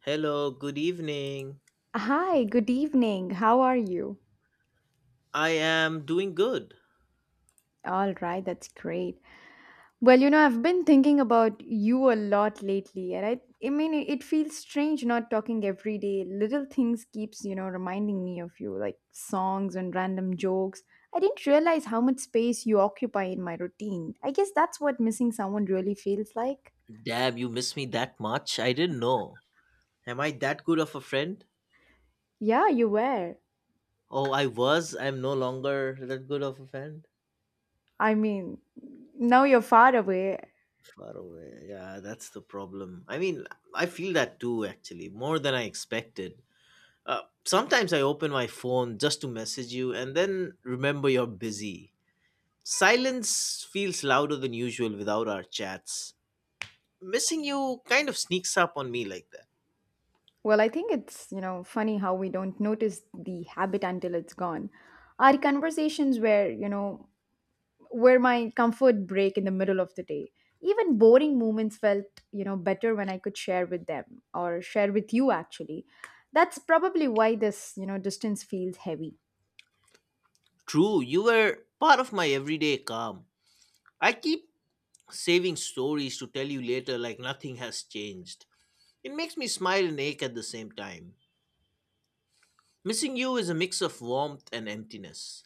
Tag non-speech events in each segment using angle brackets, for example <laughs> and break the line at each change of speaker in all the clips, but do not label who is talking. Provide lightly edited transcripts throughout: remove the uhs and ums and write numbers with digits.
Hello, good evening.
Hi, good evening. How are you?
I am doing good.
All right, that's great. I've been thinking about you a lot lately, and I mean, it feels strange not talking every day. Little things keeps, reminding me of you, like songs and random jokes. I didn't realize how much space you occupy in my routine. I guess that's what missing someone really feels like.
Damn, you miss me that much? I didn't know. Am I that good of a friend?
Yeah, you were.
Oh, I was. I'm no longer that good of a friend.
I mean, now you're far away.
Far away. Yeah, that's the problem. I mean, I feel that too, actually, more than I expected. Sometimes I open my phone just to message you and then remember you're busy. Silence feels louder than usual without our chats. Missing you kind of sneaks up on me like that.
I think it's funny how we don't notice the habit until it's gone. Our conversations were, were my comfort break in the middle of the day. Even boring moments felt better when I could share with them or share with you actually. That's probably why this distance feels heavy.
True, you were part of my everyday calm. I keep saving stories to tell you later like nothing has changed. It makes me smile and ache at the same time. Missing you is a mix of warmth and emptiness.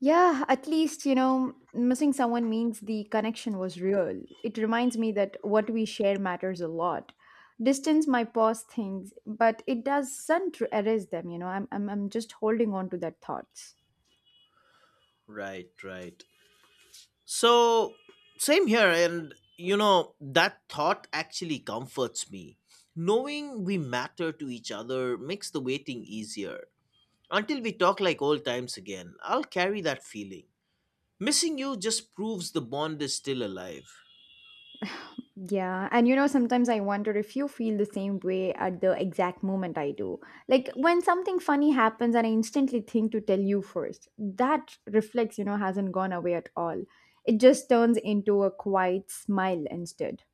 Yeah, at least, missing someone means the connection was real. It reminds me that what we share matters a lot. Distance might pause things, but it doesn't erase them. I'm just holding on to that thoughts.
Right, right. So, same here, and you know, that thought actually comforts me. Knowing we matter to each other makes the waiting easier. Until we talk like old times again, I'll carry that feeling. Missing you just proves the bond is still alive.
Yeah, and sometimes I wonder if you feel the same way at the exact moment I do. Like when something funny happens and I instantly think to tell you first, that reflex, hasn't gone away at all. It just turns into a quiet smile instead.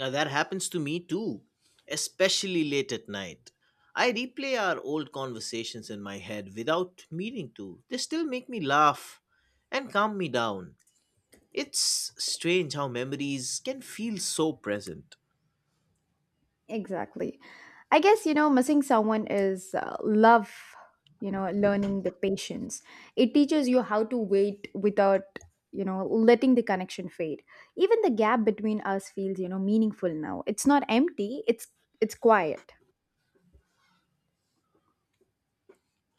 Now, that happens to me too, especially late at night. I replay our old conversations in my head without meaning to. They still make me laugh and calm me down. It's strange how memories can feel so present.
Exactly. I guess, missing someone is love, learning the patience. It teaches you how to wait without letting the connection fade. Even the gap between us feels meaningful now. It's not empty, it's quiet.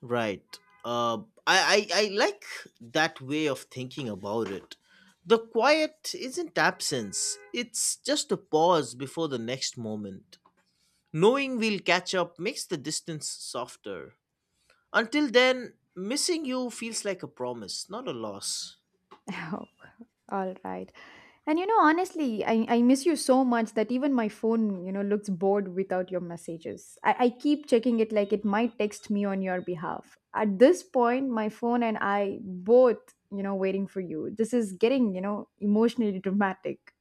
Right. Uh, I like that way of thinking about it. The quiet isn't absence, it's just a pause before the next moment. Knowing we'll catch up makes the distance softer. Until then, missing you feels like a promise, not a loss.
Oh, <laughs> all right. And honestly, I miss you so much that even my phone, looks bored without your messages. I keep checking it like it might text me on your behalf. At this point, my phone and I both, waiting for you. This is getting emotionally dramatic.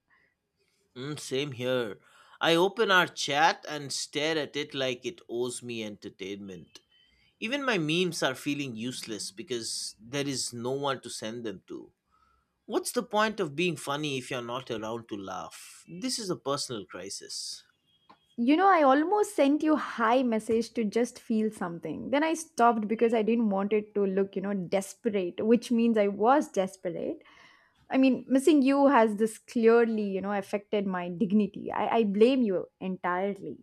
Mm, same here. I open our chat and stare at it like it owes me entertainment. Even my memes are feeling useless because there is no one to send them to. What's the point of being funny if you're not around to laugh? This is a personal crisis.
I almost sent you hi message to just feel something. Then I stopped because I didn't want it to look desperate, which means I was desperate I mean, missing you has this clearly affected my dignity. I blame you entirely.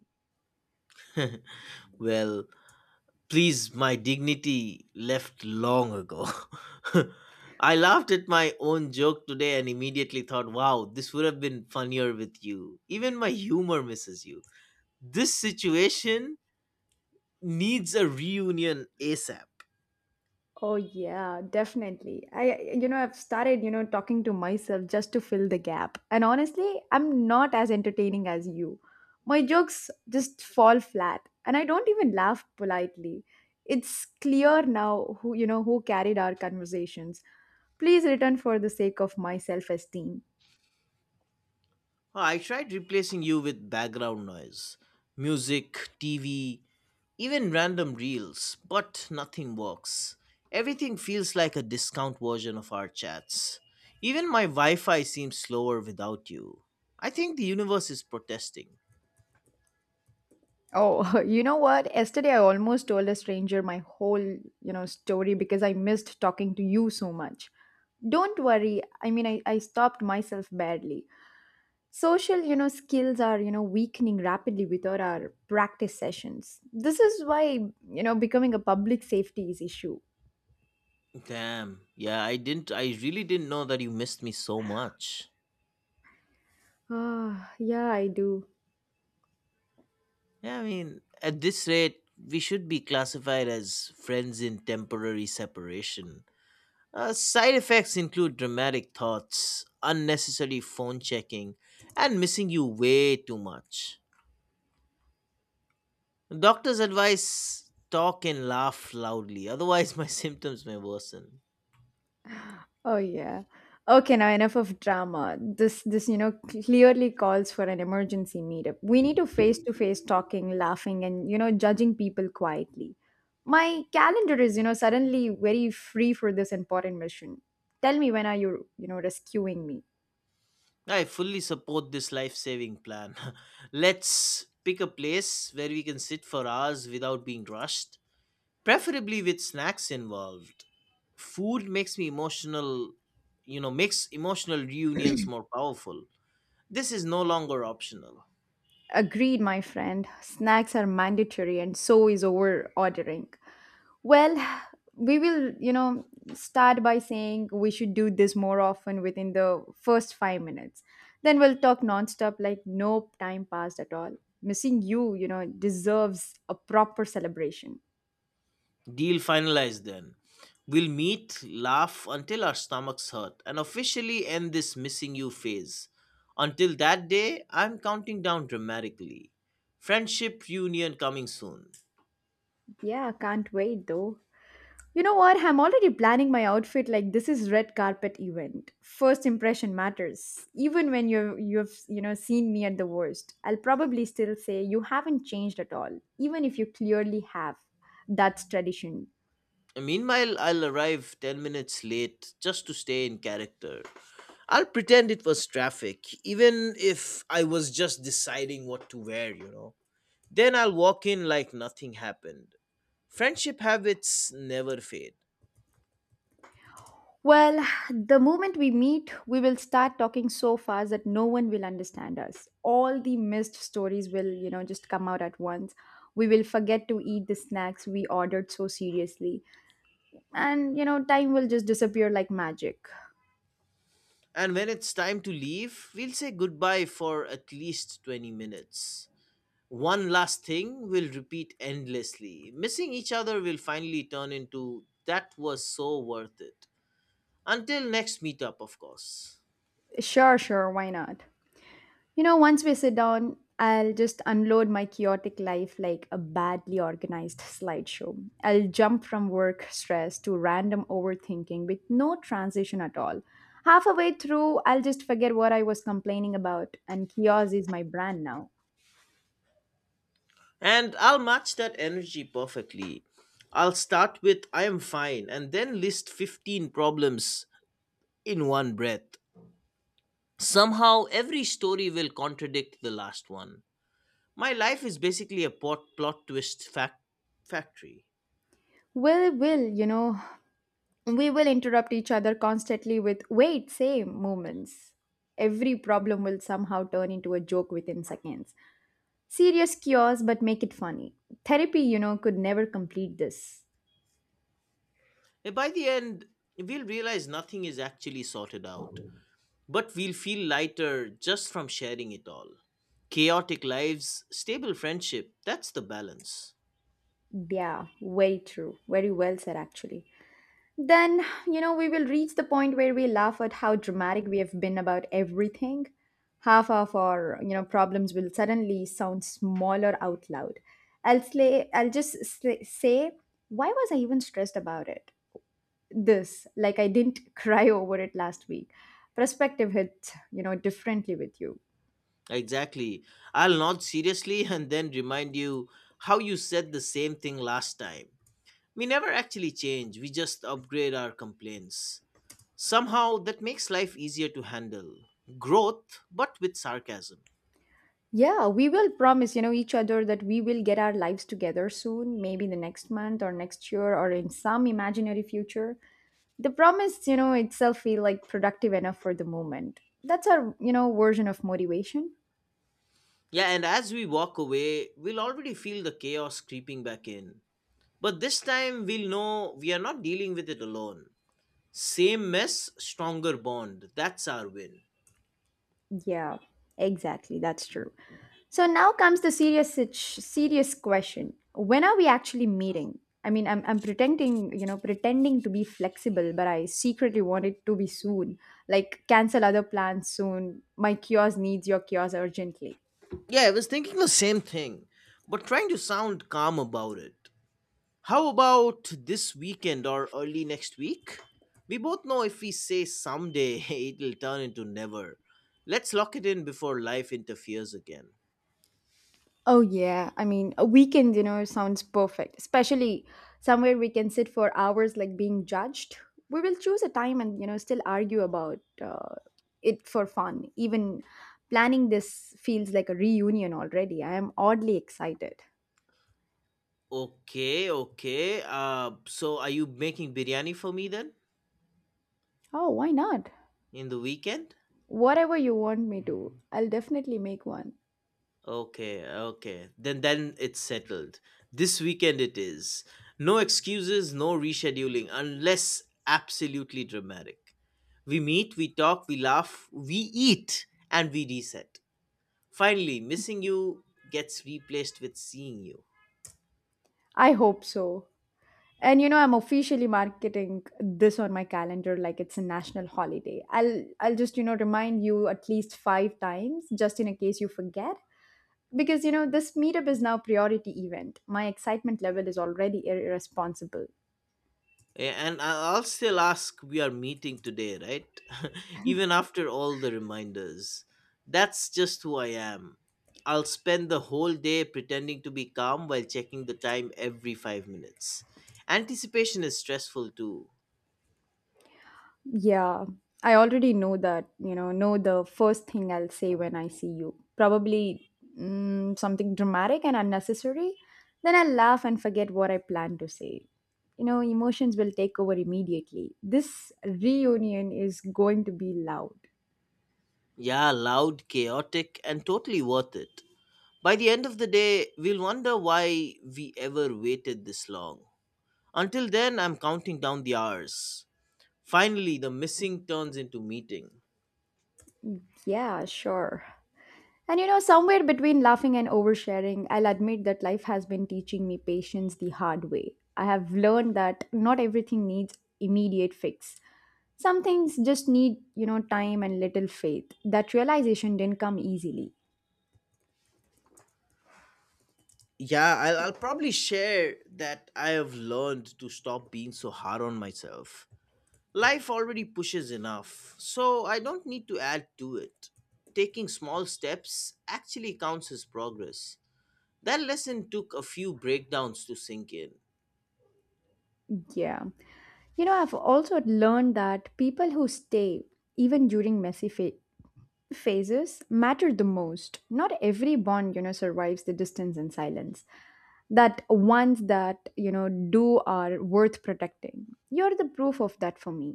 <laughs> Well, please, my dignity left long ago. <laughs> I laughed at my own joke today and immediately thought, wow, this would have been funnier with you. Even my humor misses you. This situation needs a reunion ASAP.
Oh yeah, definitely. I've started talking to myself just to fill the gap. And honestly, I'm not as entertaining as you. My jokes just fall flat, and I don't even laugh politely. It's clear now who who carried our conversations. Please return for the sake of my self-esteem.
I tried replacing you with background noise, music, TV, even random reels, but nothing works. Everything feels like a discount version of our chats. Even my Wi Fi seems slower without you. I think the universe is protesting.
Oh, <laughs> you know what? Yesterday I almost told a stranger my whole story because I missed talking to you so much. Don't worry. I mean, I stopped myself badly. Social skills are weakening rapidly without our practice sessions. This is why becoming a public safety is issue. <sighs>
Damn. Yeah, I really didn't know that you missed me so much.
Ah, yeah, I do.
Yeah, I mean, at this rate, we should be classified as friends in temporary separation. Side effects include dramatic thoughts, unnecessary phone checking, and missing you way too much. Doctors advise talk and laugh loudly, otherwise, my <laughs> symptoms may worsen.
Oh yeah. Okay, now enough of drama. This clearly calls for an emergency meetup. We need to face talking, laughing, and judging people quietly. My calendar is suddenly very free for this important mission. Tell me when are you you know rescuing me?
I fully support this life saving plan. <laughs> Let's pick a place where we can sit for hours without being rushed, preferably with snacks involved. Food makes me emotional, you know, makes emotional reunions more powerful. This is no longer optional.
Agreed, my friend. Snacks are mandatory, and so is over ordering. Well, <sighs> we will start by saying we should do this more often within the first 5 minutes. Then we'll talk nonstop, like no time passed at all. Missing you deserves a proper celebration.
Deal finalized then. We'll meet, laugh until our stomachs hurt, and officially end this missing you phase. Until that day, I'm counting down dramatically. Friendship reunion coming soon.
Yeah, can't wait though. You know what? I'm already planning my outfit like this is red carpet event. First impression matters. Even when you've seen me at the worst, I'll probably still say you haven't changed at all, even if you clearly have. That's tradition.
Meanwhile, I'll arrive 10 minutes late just to stay in character. I'll pretend it was traffic, even if I was just deciding what to wear, you know. Then I'll walk in like nothing happened. Friendship habits never fade.
Well, the moment we meet, we will start talking so fast that no one will understand us. All the missed stories will just come out at once. We will forget to eat the snacks we ordered so seriously. And time will just disappear like magic.
And when it's time to leave, we'll say goodbye for at least 20 minutes. One last thing we'll repeat endlessly. Missing each other will finally turn into that was so worth it. Until next meetup, of course.
Sure, sure, why not? You know, once we sit down, I'll just unload my chaotic life like a badly organized slideshow. I'll jump from work stress to random overthinking with no transition at all. Halfway through, I'll just forget what I was complaining about, and chaos is my brand now.
And I'll match that energy perfectly. I'll start with I am fine and then list 15 problems in one breath. Somehow, every story will contradict the last one. My life is basically a plot twist factory.
Will, will, you know, we will interrupt each other constantly with wait, same movements. Every problem will somehow turn into a joke within seconds. Serious cures, but make it funny. Therapy could never complete this.
And by the end, we'll realize nothing is actually sorted out, but we'll feel lighter just from sharing it all. Chaotic lives, stable friendship, that's the balance.
Yeah, very true. Very well said, actually. Then we will reach the point where we laugh at how dramatic we have been about everything. Half of our problems will suddenly sound smaller out loud. I'll just say, why was I even stressed about it? This, like I didn't <laughs> cry over it last week. Perspective hits differently with you.
Exactly. I'll nod seriously <laughs> and then remind you how you said the same thing last time. We never actually change, we just upgrade our complaints. Somehow that makes life easier to handle. Growth, but with sarcasm.
Yeah, we will promise each other that we will get our lives together soon, maybe the next month or next year or in some imaginary future. The promise itself feel like productive enough for the moment. That's our version of motivation.
Yeah, and as we walk away, we'll already feel the chaos creeping back in. But this time, we'll know we are not dealing with it alone. Same mess, stronger bond. That's our win.
Yeah, exactly. That's true. So now comes the serious question. When are we actually meeting? I mean, I'm pretending, pretending to be flexible, but I secretly want it to be soon. Like cancel other plans soon. My kiosk needs your kiosk urgently.
Yeah, I was thinking the same thing, but trying to sound calm about it. How about this weekend or early next week? We both know if we say someday, <laughs> it'll turn into never. Let's lock it in before life interferes again.
Oh, yeah. I mean, a weekend dinner sounds perfect, especially somewhere we can sit for hours like being judged. We will choose a time and still argue about it for fun. Even planning this feels like a reunion already. I am oddly excited.
Okay, okay. So are you making biryani for me then
Oh, why not?
in the weekend?
Whatever you want me to, I'll definitely make one.
Okay, okay. Then it's settled. This weekend it is. No excuses, no rescheduling unless absolutely dramatic. We meet, we talk, we laugh, we eat and we reset. Finally, missing you gets replaced with seeing you.
I hope so. And I'm officially marketing this on my calendar like it's a national holiday. I'll just remind you at least 5 times just in a case you forget because this meetup is now priority event. My excitement level is already irresponsible.
And I'll still ask, we are meeting today, right? <laughs> Even after all the reminders. That's just who I am. I'll spend the whole day pretending to be calm while checking the time every 5 minutes. Anticipation is stressful too.
Yeah, I already know that, know the first thing I'll say when I see you. Probably something dramatic and unnecessary. Then I'll laugh and forget what I planned to say. You know, emotions will take over immediately. This reunion is going to be loud.
Yeah, loud, chaotic, and totally worth it. By the end of the day, we'll wonder why we ever waited this long. Until then, I'm counting down the hours. Finally, the missing turns into meeting.
Yeah, sure. And somewhere between laughing and oversharing, I'll admit that life has been teaching me patience the hard way. I have learned that not everything needs immediate fix. Some things just need time and little faith. That realization didn't come easily.
Yeah, I'll probably share that I have learned to stop being so hard on myself. Life already pushes enough, so I don't need to add to it. Taking small steps actually counts as progress. That lesson took a few breakdowns to sink in.
Yeah. I've also learned that people who stay, even during phases, matter the most. Not every bond, survives the distance and silence. That ones that do are worth protecting. You're the proof of that for me.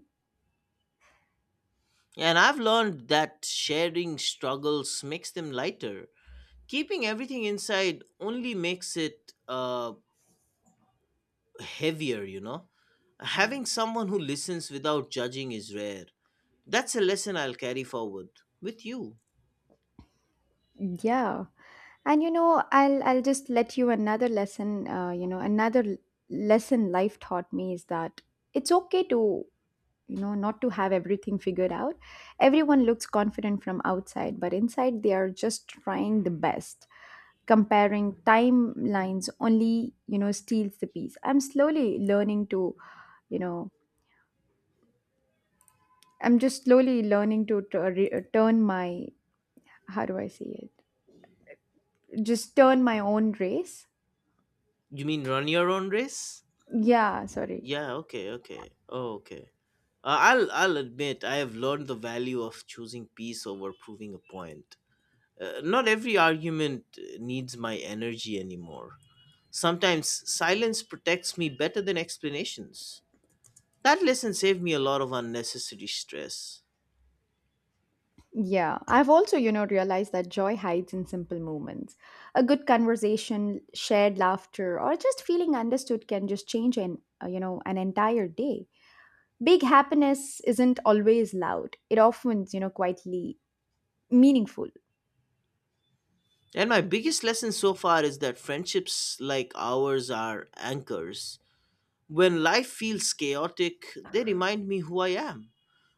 And I've learned that sharing struggles makes them lighter. Keeping everything inside only makes it heavier, you know? Having someone who listens without judging is rare. That's a lesson I'll carry forward with you.
Yeah, and I'll just let you another lesson, lesson life taught me is that it's okay to not to have everything figured out. Everyone looks confident from outside, but inside they are just trying the best. Comparing timelines only steals the peace. I'm slowly learning to you know I'm just slowly learning to turn my, how do I say it? Just turn my own race.
You mean run your own race?
Yeah, sorry.
Yeah, okay, okay. Oh, okay. I'll admit I have learned the value of choosing peace over proving a point. Not every argument needs my energy anymore. Sometimes silence protects me better than explanations. That lesson saved me a lot of unnecessary stress.
Yeah, I've also realized that joy hides in simple moments. A good conversation, shared laughter, or just feeling understood can just change an entire day. Big happiness isn't always loud. It often, quietly meaningful.
And my biggest lesson so far is that friendships like ours are anchors. When life feels chaotic, they remind me who I am.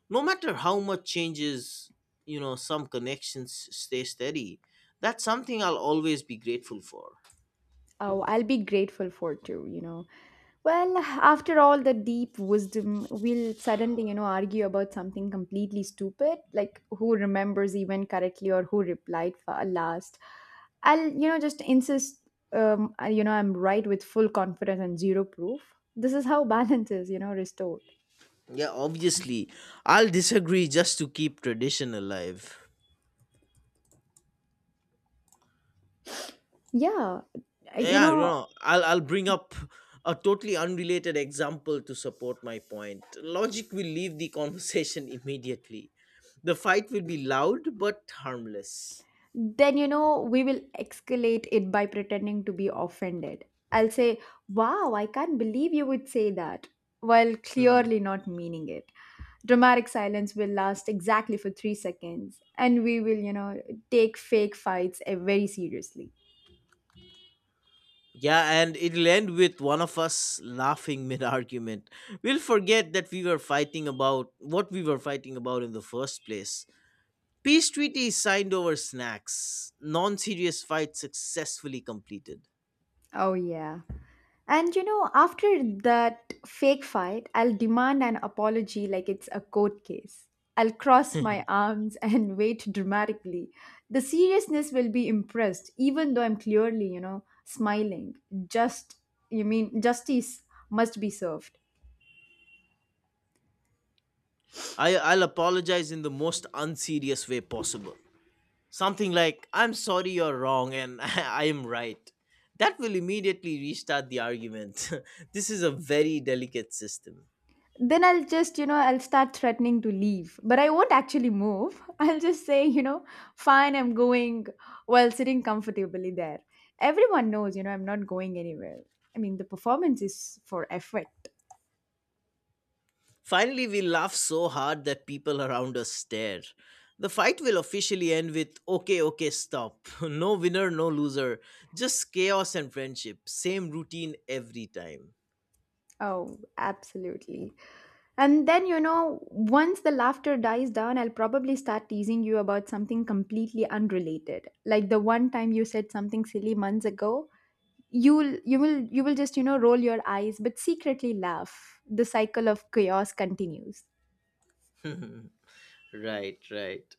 No matter how much changes, you know, some connections stay steady. That's something I'll always be grateful for.
Oh, I'll be grateful for it too, you know. Well, after all the deep wisdom, we'll suddenly argue about something completely stupid, like who remembers even correctly or who replied for last. I'll just insist, I'm right with full confidence and zero proof. This is how <laughs> balance is, restored.
Yeah, obviously, I'll disagree just to keep tradition alive.
Yeah, you
Yeah, you
know,
know, I'll bring up a totally unrelated example to support my point. Logic will leave the conversation <laughs> immediately. The fight will be loud but harmless.
then we will escalate it by pretending to be offended. I'll say, wow, I can't believe you would say that, while
Hmm.
clearly not meaning it. Dramatic silence will last exactly for 3 seconds and we will take fake fights very seriously.
Yeah, and it'll end with one of us laughing mid argument. We'll forget that we were fighting about what we were fighting about in the first place. Peace treaty signed over snacks. Non serious fight successfully completed.
Oh, yeah. And after that fake fight, I'll demand an apology like it's a court case. I'll cross my arms <laughs> and wait dramatically. The seriousness will be impressed, even though I'm clearly smiling. Just, justice must be served.
I'll apologize in the most unserious way possible. Something like, I'm sorry you're wrong and <laughs> I am right. That will immediately restart the argument. <laughs> This is a very delicate system.
Then I'll just, you know, I'll start threatening to leave. But I won't actually move. <laughs> I'll just say, fine, I'm going while sitting comfortably there. Everyone knows, I'm not going anywhere. I mean, the performance is for effect.
Finally, we laugh so hard that people around us stare. The fight will officially end with okay, okay, stop. <laughs> No winner, no loser. Just chaos and friendship. Same routine every time.
Oh, absolutely. And then, once the laughter dies down, I'll probably start teasing you about something completely unrelated. Like the one time you said something silly months ago. You will just roll your eyes, but secretly laugh. The cycle of chaos continues.
<laughs> Right, right.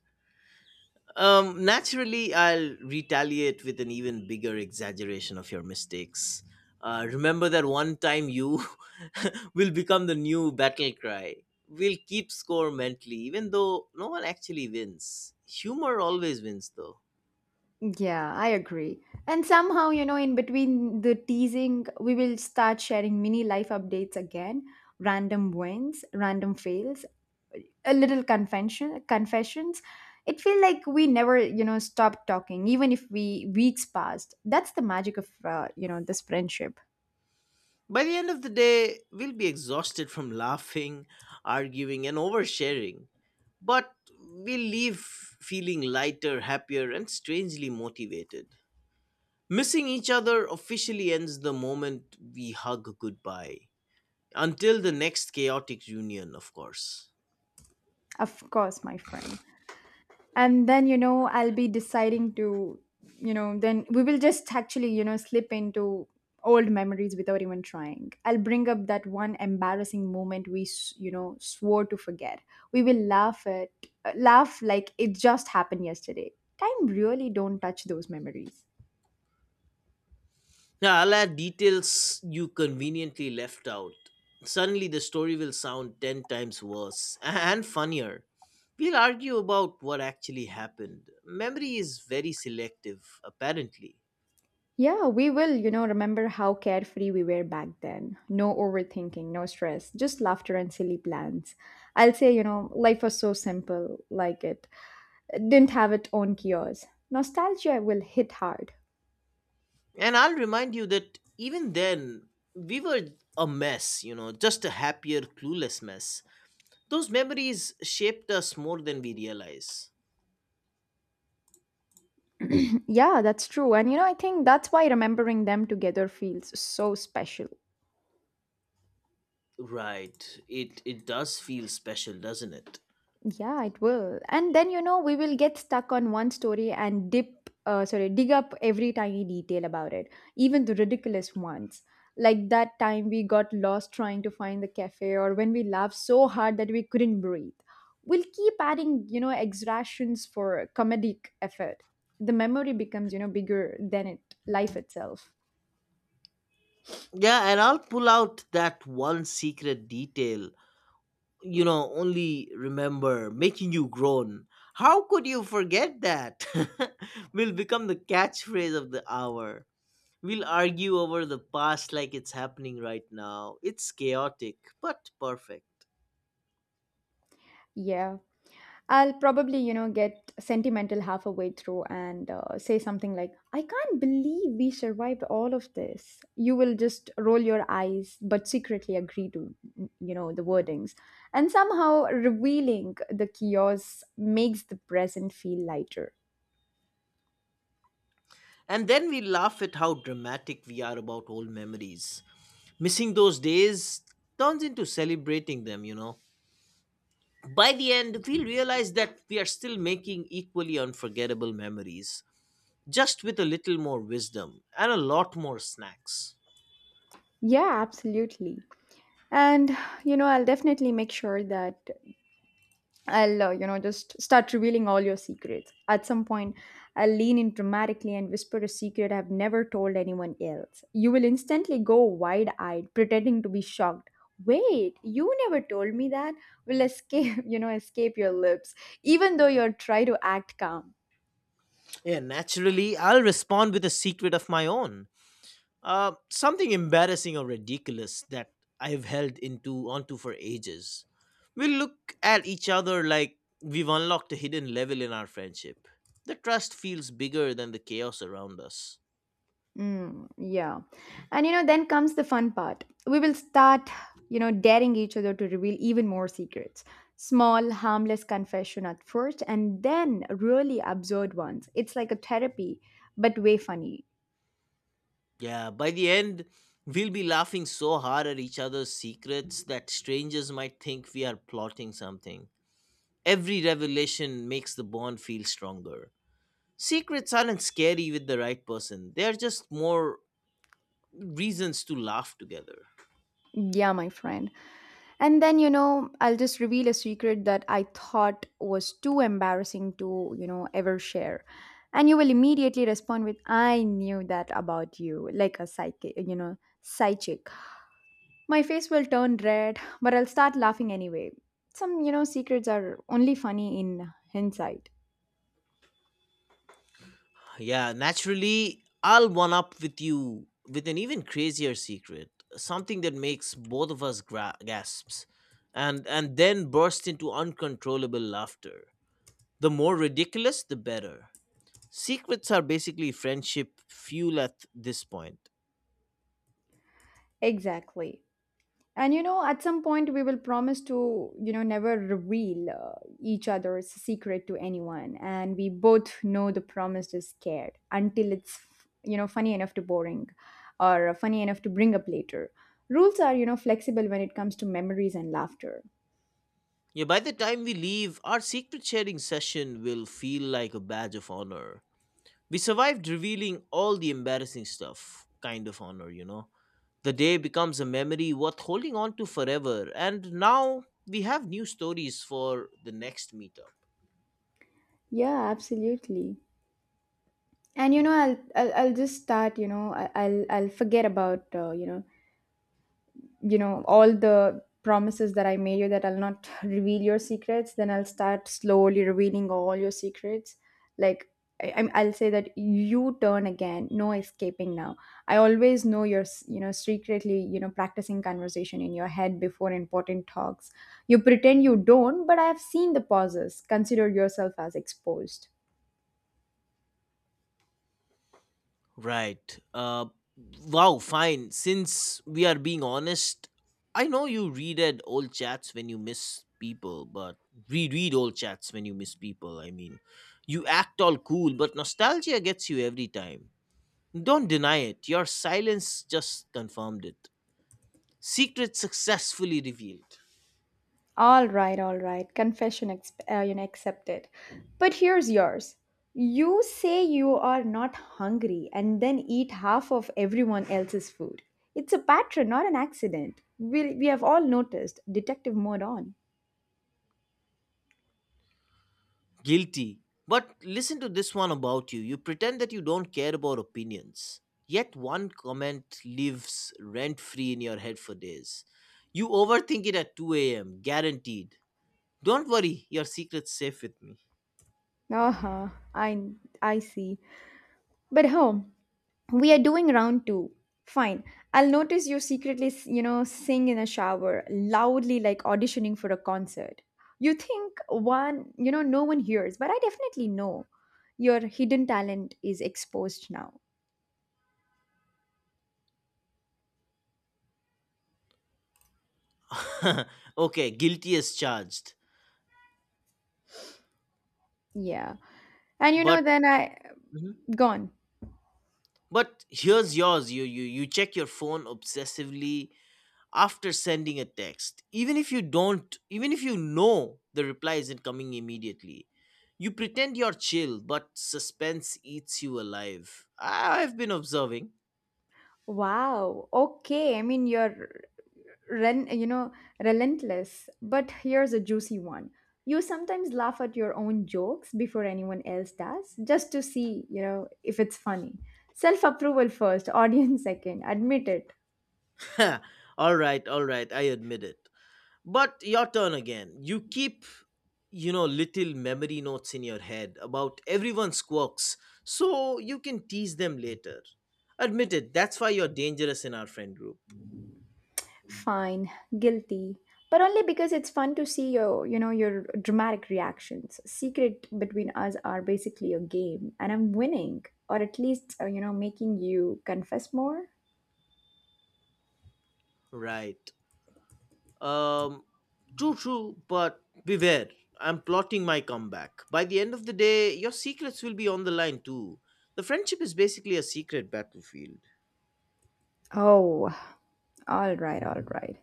Naturally, I'll retaliate with an even bigger exaggeration of your mistakes. Remember that one time you <laughs> will become the new battle cry. We'll keep score mentally, even though no one actually wins. Humor always wins, though.
Yeah, I agree. And somehow, in between the teasing, we will start sharing mini life updates again. Random wins, random fails. A little confessions. It feel like we never stop talking, even if we weeks passed. That's the magic of this friendship.
By the end of the day, we'll be exhausted from <laughs> laughing, arguing, and oversharing. But we'll leave feeling lighter, happier, and strangely motivated. Missing each other officially ends the moment we hug goodbye. Until the next chaotic reunion, of course.
Of course, my friend. And then, I'll be deciding to, then we will just actually slip into old memories without even trying. I'll bring up that one embarrassing moment we swore to forget. We will laugh at, laugh like it just happened yesterday. Time really don't touch those memories.
Now, I'll add details you conveniently left out. Suddenly, the story will sound 10 times worse <laughs> and funnier. We'll argue about what actually happened. Memory is very selective, apparently.
Yeah, we will, remember how carefree we were back then. No overthinking, no stress, just laughter and silly plans. I'll say, life was so simple, like it didn't have its own cures. Nostalgia will hit hard.
And I'll remind you that even then, we were a mess, you know, just a happier, clueless mess. Those memories shaped us more than we realize.
<clears throat> Yeah, that's true. And I think that's why remembering them together feels so special.
Right. It does feel special, doesn't it?
Yeah, it will. And then, we will get stuck on one story and dig up every tiny detail about it, even the ridiculous ones. Like that time we got lost trying to find the cafe, or when we laughed so hard that we couldn't breathe. We'll keep adding, exertions for comedic effort. The memory becomes, bigger than it life itself.
Yeah, and I'll pull out that one secret detail you know only remember making you groan. How could you forget that <laughs> will become the catchphrase of the hour. We'll argue over the past like it's happening right now. It's chaotic but perfect.
Yeah. I'll probably, get sentimental half a way through and, say something like, I can't believe we survived all of this. You will just roll your eyes, but secretly agree to, the wordings. And somehow revealing the chaos makes the present feel lighter.
And then we laugh at how dramatic we are about old memories. Missing those days turns into celebrating them, you know. By the end, we realize that we are still making equally unforgettable memories, just with a little more wisdom and a lot more snacks.
Yeah, absolutely. And, I'll definitely make sure that I'll, just start revealing all your secrets. At some point, I'll lean in dramatically and whisper a secret I've never told anyone else. You will instantly go wide eyed, pretending to be shocked. Wait, you never told me that? Will escape, <laughs> escape your lips, even though you try to act calm.
Yeah, naturally, I'll respond with a secret of my own. Something embarrassing or ridiculous that I've held into onto for ages. We look at each other like we've unlocked a hidden level in our friendship. The trust feels bigger than the chaos around us.
Mm, yeah. And then comes the fun part. We will start, daring each other to reveal even more secrets. Small, harmless confession at first, and then really absurd ones. It's like a therapy, but way funny.
Yeah, by the end, we'll be laughing so hard at each other's secrets that strangers might think we are plotting something. Every revelation makes the bond feel stronger. Secrets aren't scary with the right person, they're just more reasons to laugh together.
Yeah, my friend. And then, I'll just reveal a secret that I thought was too embarrassing to, ever share. And you will immediately respond with, I knew that about you, like a psychic. My face will turn red, but I'll start laughing anyway. Some, secrets are only funny in hindsight.
Yeah, naturally, I'll one up with you with an even crazier secret, something that makes both of us gasps, and then burst into uncontrollable laughter. The more ridiculous, the better. Secrets are basically friendship fuel at this point.
Exactly. And at some point we will promise to, never reveal, each other's secret to anyone. And we both know the promise is scared until it's, funny enough to boring, or funny enough to bring up later. Rules are, flexible when it comes to memories and laughter.
Yeah, by the time we leave, our secret sharing session will feel like a badge of honor. We survived revealing all the embarrassing stuff, kind of honor, you know. The day becomes a memory worth holding on to forever, and now we have new stories for the next meetup.
Yeah, absolutely. And I'll just start, I'll forget about, all the promises that I made you, that I'll not <laughs> reveal your secrets. Then I'll start slowly revealing all your secrets, like, I'll say that you turn again, no escaping now. I always know you're secretly practicing conversation in your head before important talks. You pretend you don't, but I've seen the pauses. Consider yourself as exposed.
Right. Wow, fine. Since we are being honest, I know you reread old chats when you miss people, but reread old chats when you miss people. You act all cool, but nostalgia gets you every time. Don't deny it. Your silence just confirmed it. Secret successfully revealed.
All right, all right. Confession accepted. But here's yours. You say you are not hungry and then eat half of everyone else's food. It's a pattern, not an accident. We have all noticed. Detective mode on.
Guilty. But listen to this one about you. You pretend that you don't care about opinions. Yet one comment lives rent free in your head for days. You overthink it at 2 a.m. Guaranteed. Don't worry, your secret's safe with me.
Uh huh. I, I see. But home, we are doing round two. Fine, I'll notice you secretly sing in a shower loudly, like auditioning for a concert. You think one you know no one hears, but I definitely know. Your hidden talent is exposed now.
<laughs> Okay, guilty as charged.
Yeah, and
But
then I
Mhm.
gone.
But here's yours. You check your phone obsessively after sending a text, even if you don't, even if you know the reply isn't coming immediately. You pretend you're chill but suspense eats you alive. I've been observing.
Wow, okay. I mean, you're ren- you know relentless, but here's a juicy one. You sometimes laugh at your own jokes before anyone else does, just to see, if it's funny. Self approval first, <laughs> audience second. Admit it.
<laughs> All right, all right, I admit it. But your turn again. You keep little memory notes in your head about everyone's quirks so you can tease them later. Admit it, that's why you're dangerous in our friend group.
Fine, guilty. But only because it's fun to see your you know your dramatic reactions. Secret between us are basically a game, and I'm winning, or at least, making you confess more.
Right. Um, True, true, but beware. I'm plotting my comeback. By the end of the day, your secrets will be on the line too. The friendship is basically a secret battlefield.
Oh, all right, all right.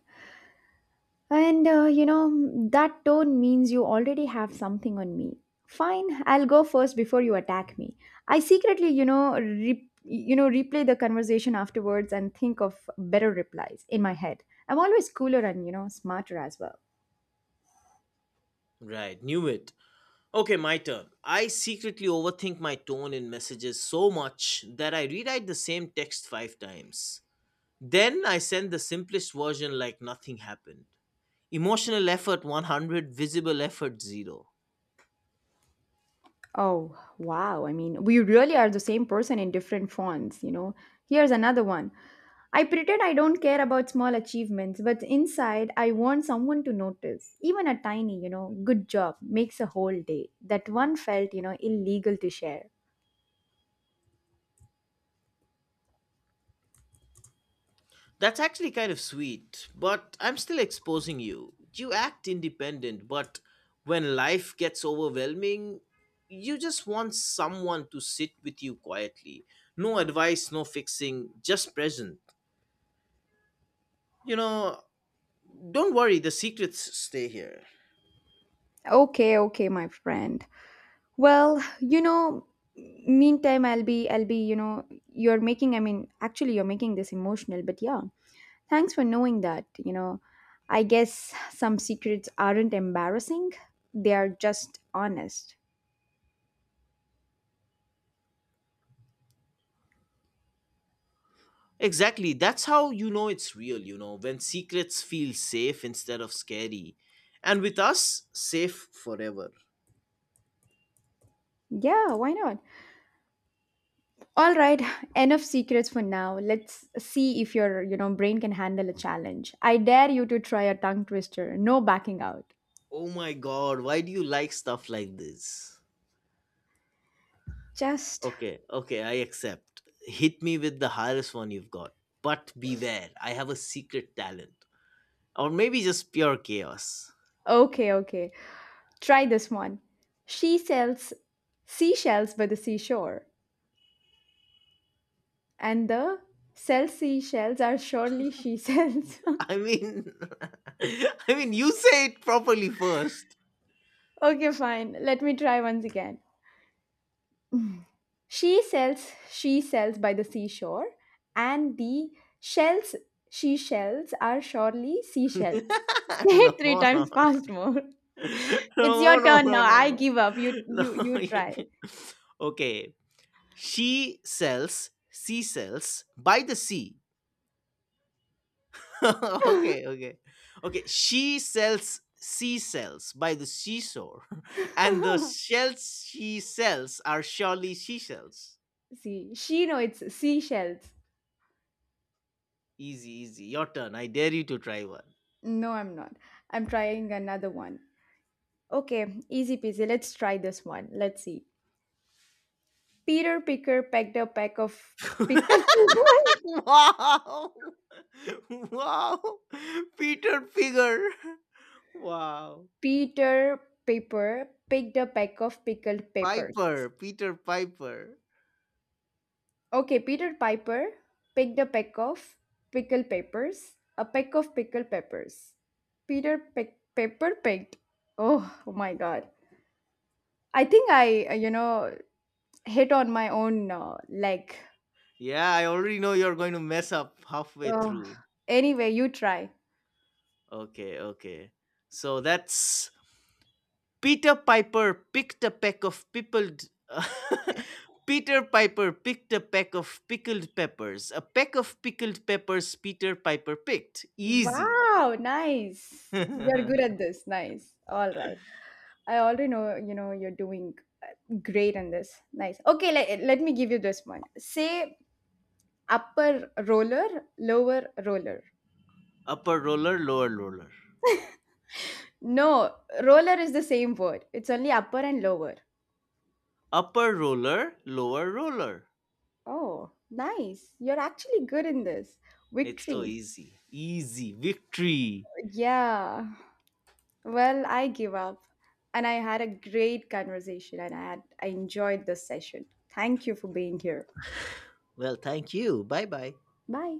And, that tone means you already have something on me. Fine, I'll go first before you attack me. I secretly, replay the conversation afterwards and think of better replies in my head. I'm always cooler and, smarter as well.
Right, knew it. Okay, my turn. I secretly overthink my tone in messages so much that I rewrite the same text 5 times. Then I send the simplest version like nothing happened. Emotional effort 100, visible effort 0.
Oh, wow. I mean, we really are the same person in different fonts. Here's another one. I pretend I don't care about small achievements, but inside I want someone to notice. Even a tiny, good job makes a whole day. That one felt, illegal to share.
That's actually kind of sweet, but I'm still exposing you. You act independent, but when life gets overwhelming, you just want someone to sit with you quietly. No advice, no fixing, just present. You know, don't worry, the secrets stay here.
Okay, okay, my friend. Well, meantime I'll be, you're making I mean, actually you're making this emotional, but yeah. Thanks for knowing that. I guess some secrets aren't embarrassing, they are just honest.
Exactly. That's how you know it's real, when secrets feel safe instead of scary. And with us, safe forever.
Yeah, why not? All right, <laughs> enough secrets for now. Let's see if your, brain can handle a challenge. I dare you to try a tongue twister. No backing out.
Oh my god, why do you like stuff like this?
Just
Okay, okay, I accept. Hit me with the hardest one you've got. But beware, I have a secret talent. Or maybe just pure chaos.
Okay, okay. Try this one. She sells seashells by the seashore, and the sells seashells are surely she sells. <laughs>
I mean, <laughs> I mean, you say it properly first.
Okay, fine. Let me try once again. <laughs> She sells she sells by the seashore, and the shells she shells are surely seashells. <laughs>
<laughs>
Say it
No,
three
no.
times fast more.
<laughs>
It's
No,
your
no,
turn
no, no,
now. I
no.
give up. You
No. <laughs> You
try.
can't. Okay. She sells sea cells by the sea. <laughs> Okay,
<laughs>
okay. Okay. She sells sea cells by the seashore. <laughs> And the shells she sells are surely seashells.
See, she know it's seashells.
Easy, easy. Your turn. I dare you to try one.
No, I'm not. I'm trying another one. Okay, easy peasy, let's try this one, let's see. Peter picker pecked a peck of pickled <laughs>
<laughs>
peanuts.
Wow. <laughs> Wow. Peter Figure. <laughs> Wow.
Peter Piper picked a peck of pickled peppers.
Piper, Peter Piper.
Okay, Peter Piper picked a peck of pickled peppers. A peck of pickled peppers. Peter Pick Pepper picked. Oh, oh my God. I think I, hit on my own, leg.
Yeah, I already know you're going to mess up halfway
Ugh.
through.
Anyway, you try.
Okay, okay. So that's Peter Piper picked a peck of pickled. <laughs> Peter Piper picked a peck of pickled peppers. A peck of pickled peppers Peter Piper picked. Easy.
Wow, nice. You're good at
<laughs>
this. Nice. All right. I already know, you're doing, uh, great in this. Nice. Okay, let me give you this one. Say upper roller, lower roller.
Upper roller, lower roller.
No, roller is the same word. It's only upper and lower.
Upper roller, lower roller.
Oh, nice. You're actually good in this.
It's so
Victory.
easy. Easy. Victory.
Yeah. Well, I give up. And I had a great conversation and I enjoyed this session. Thank you for being here.
Well, thank you. Bye bye.
Bye.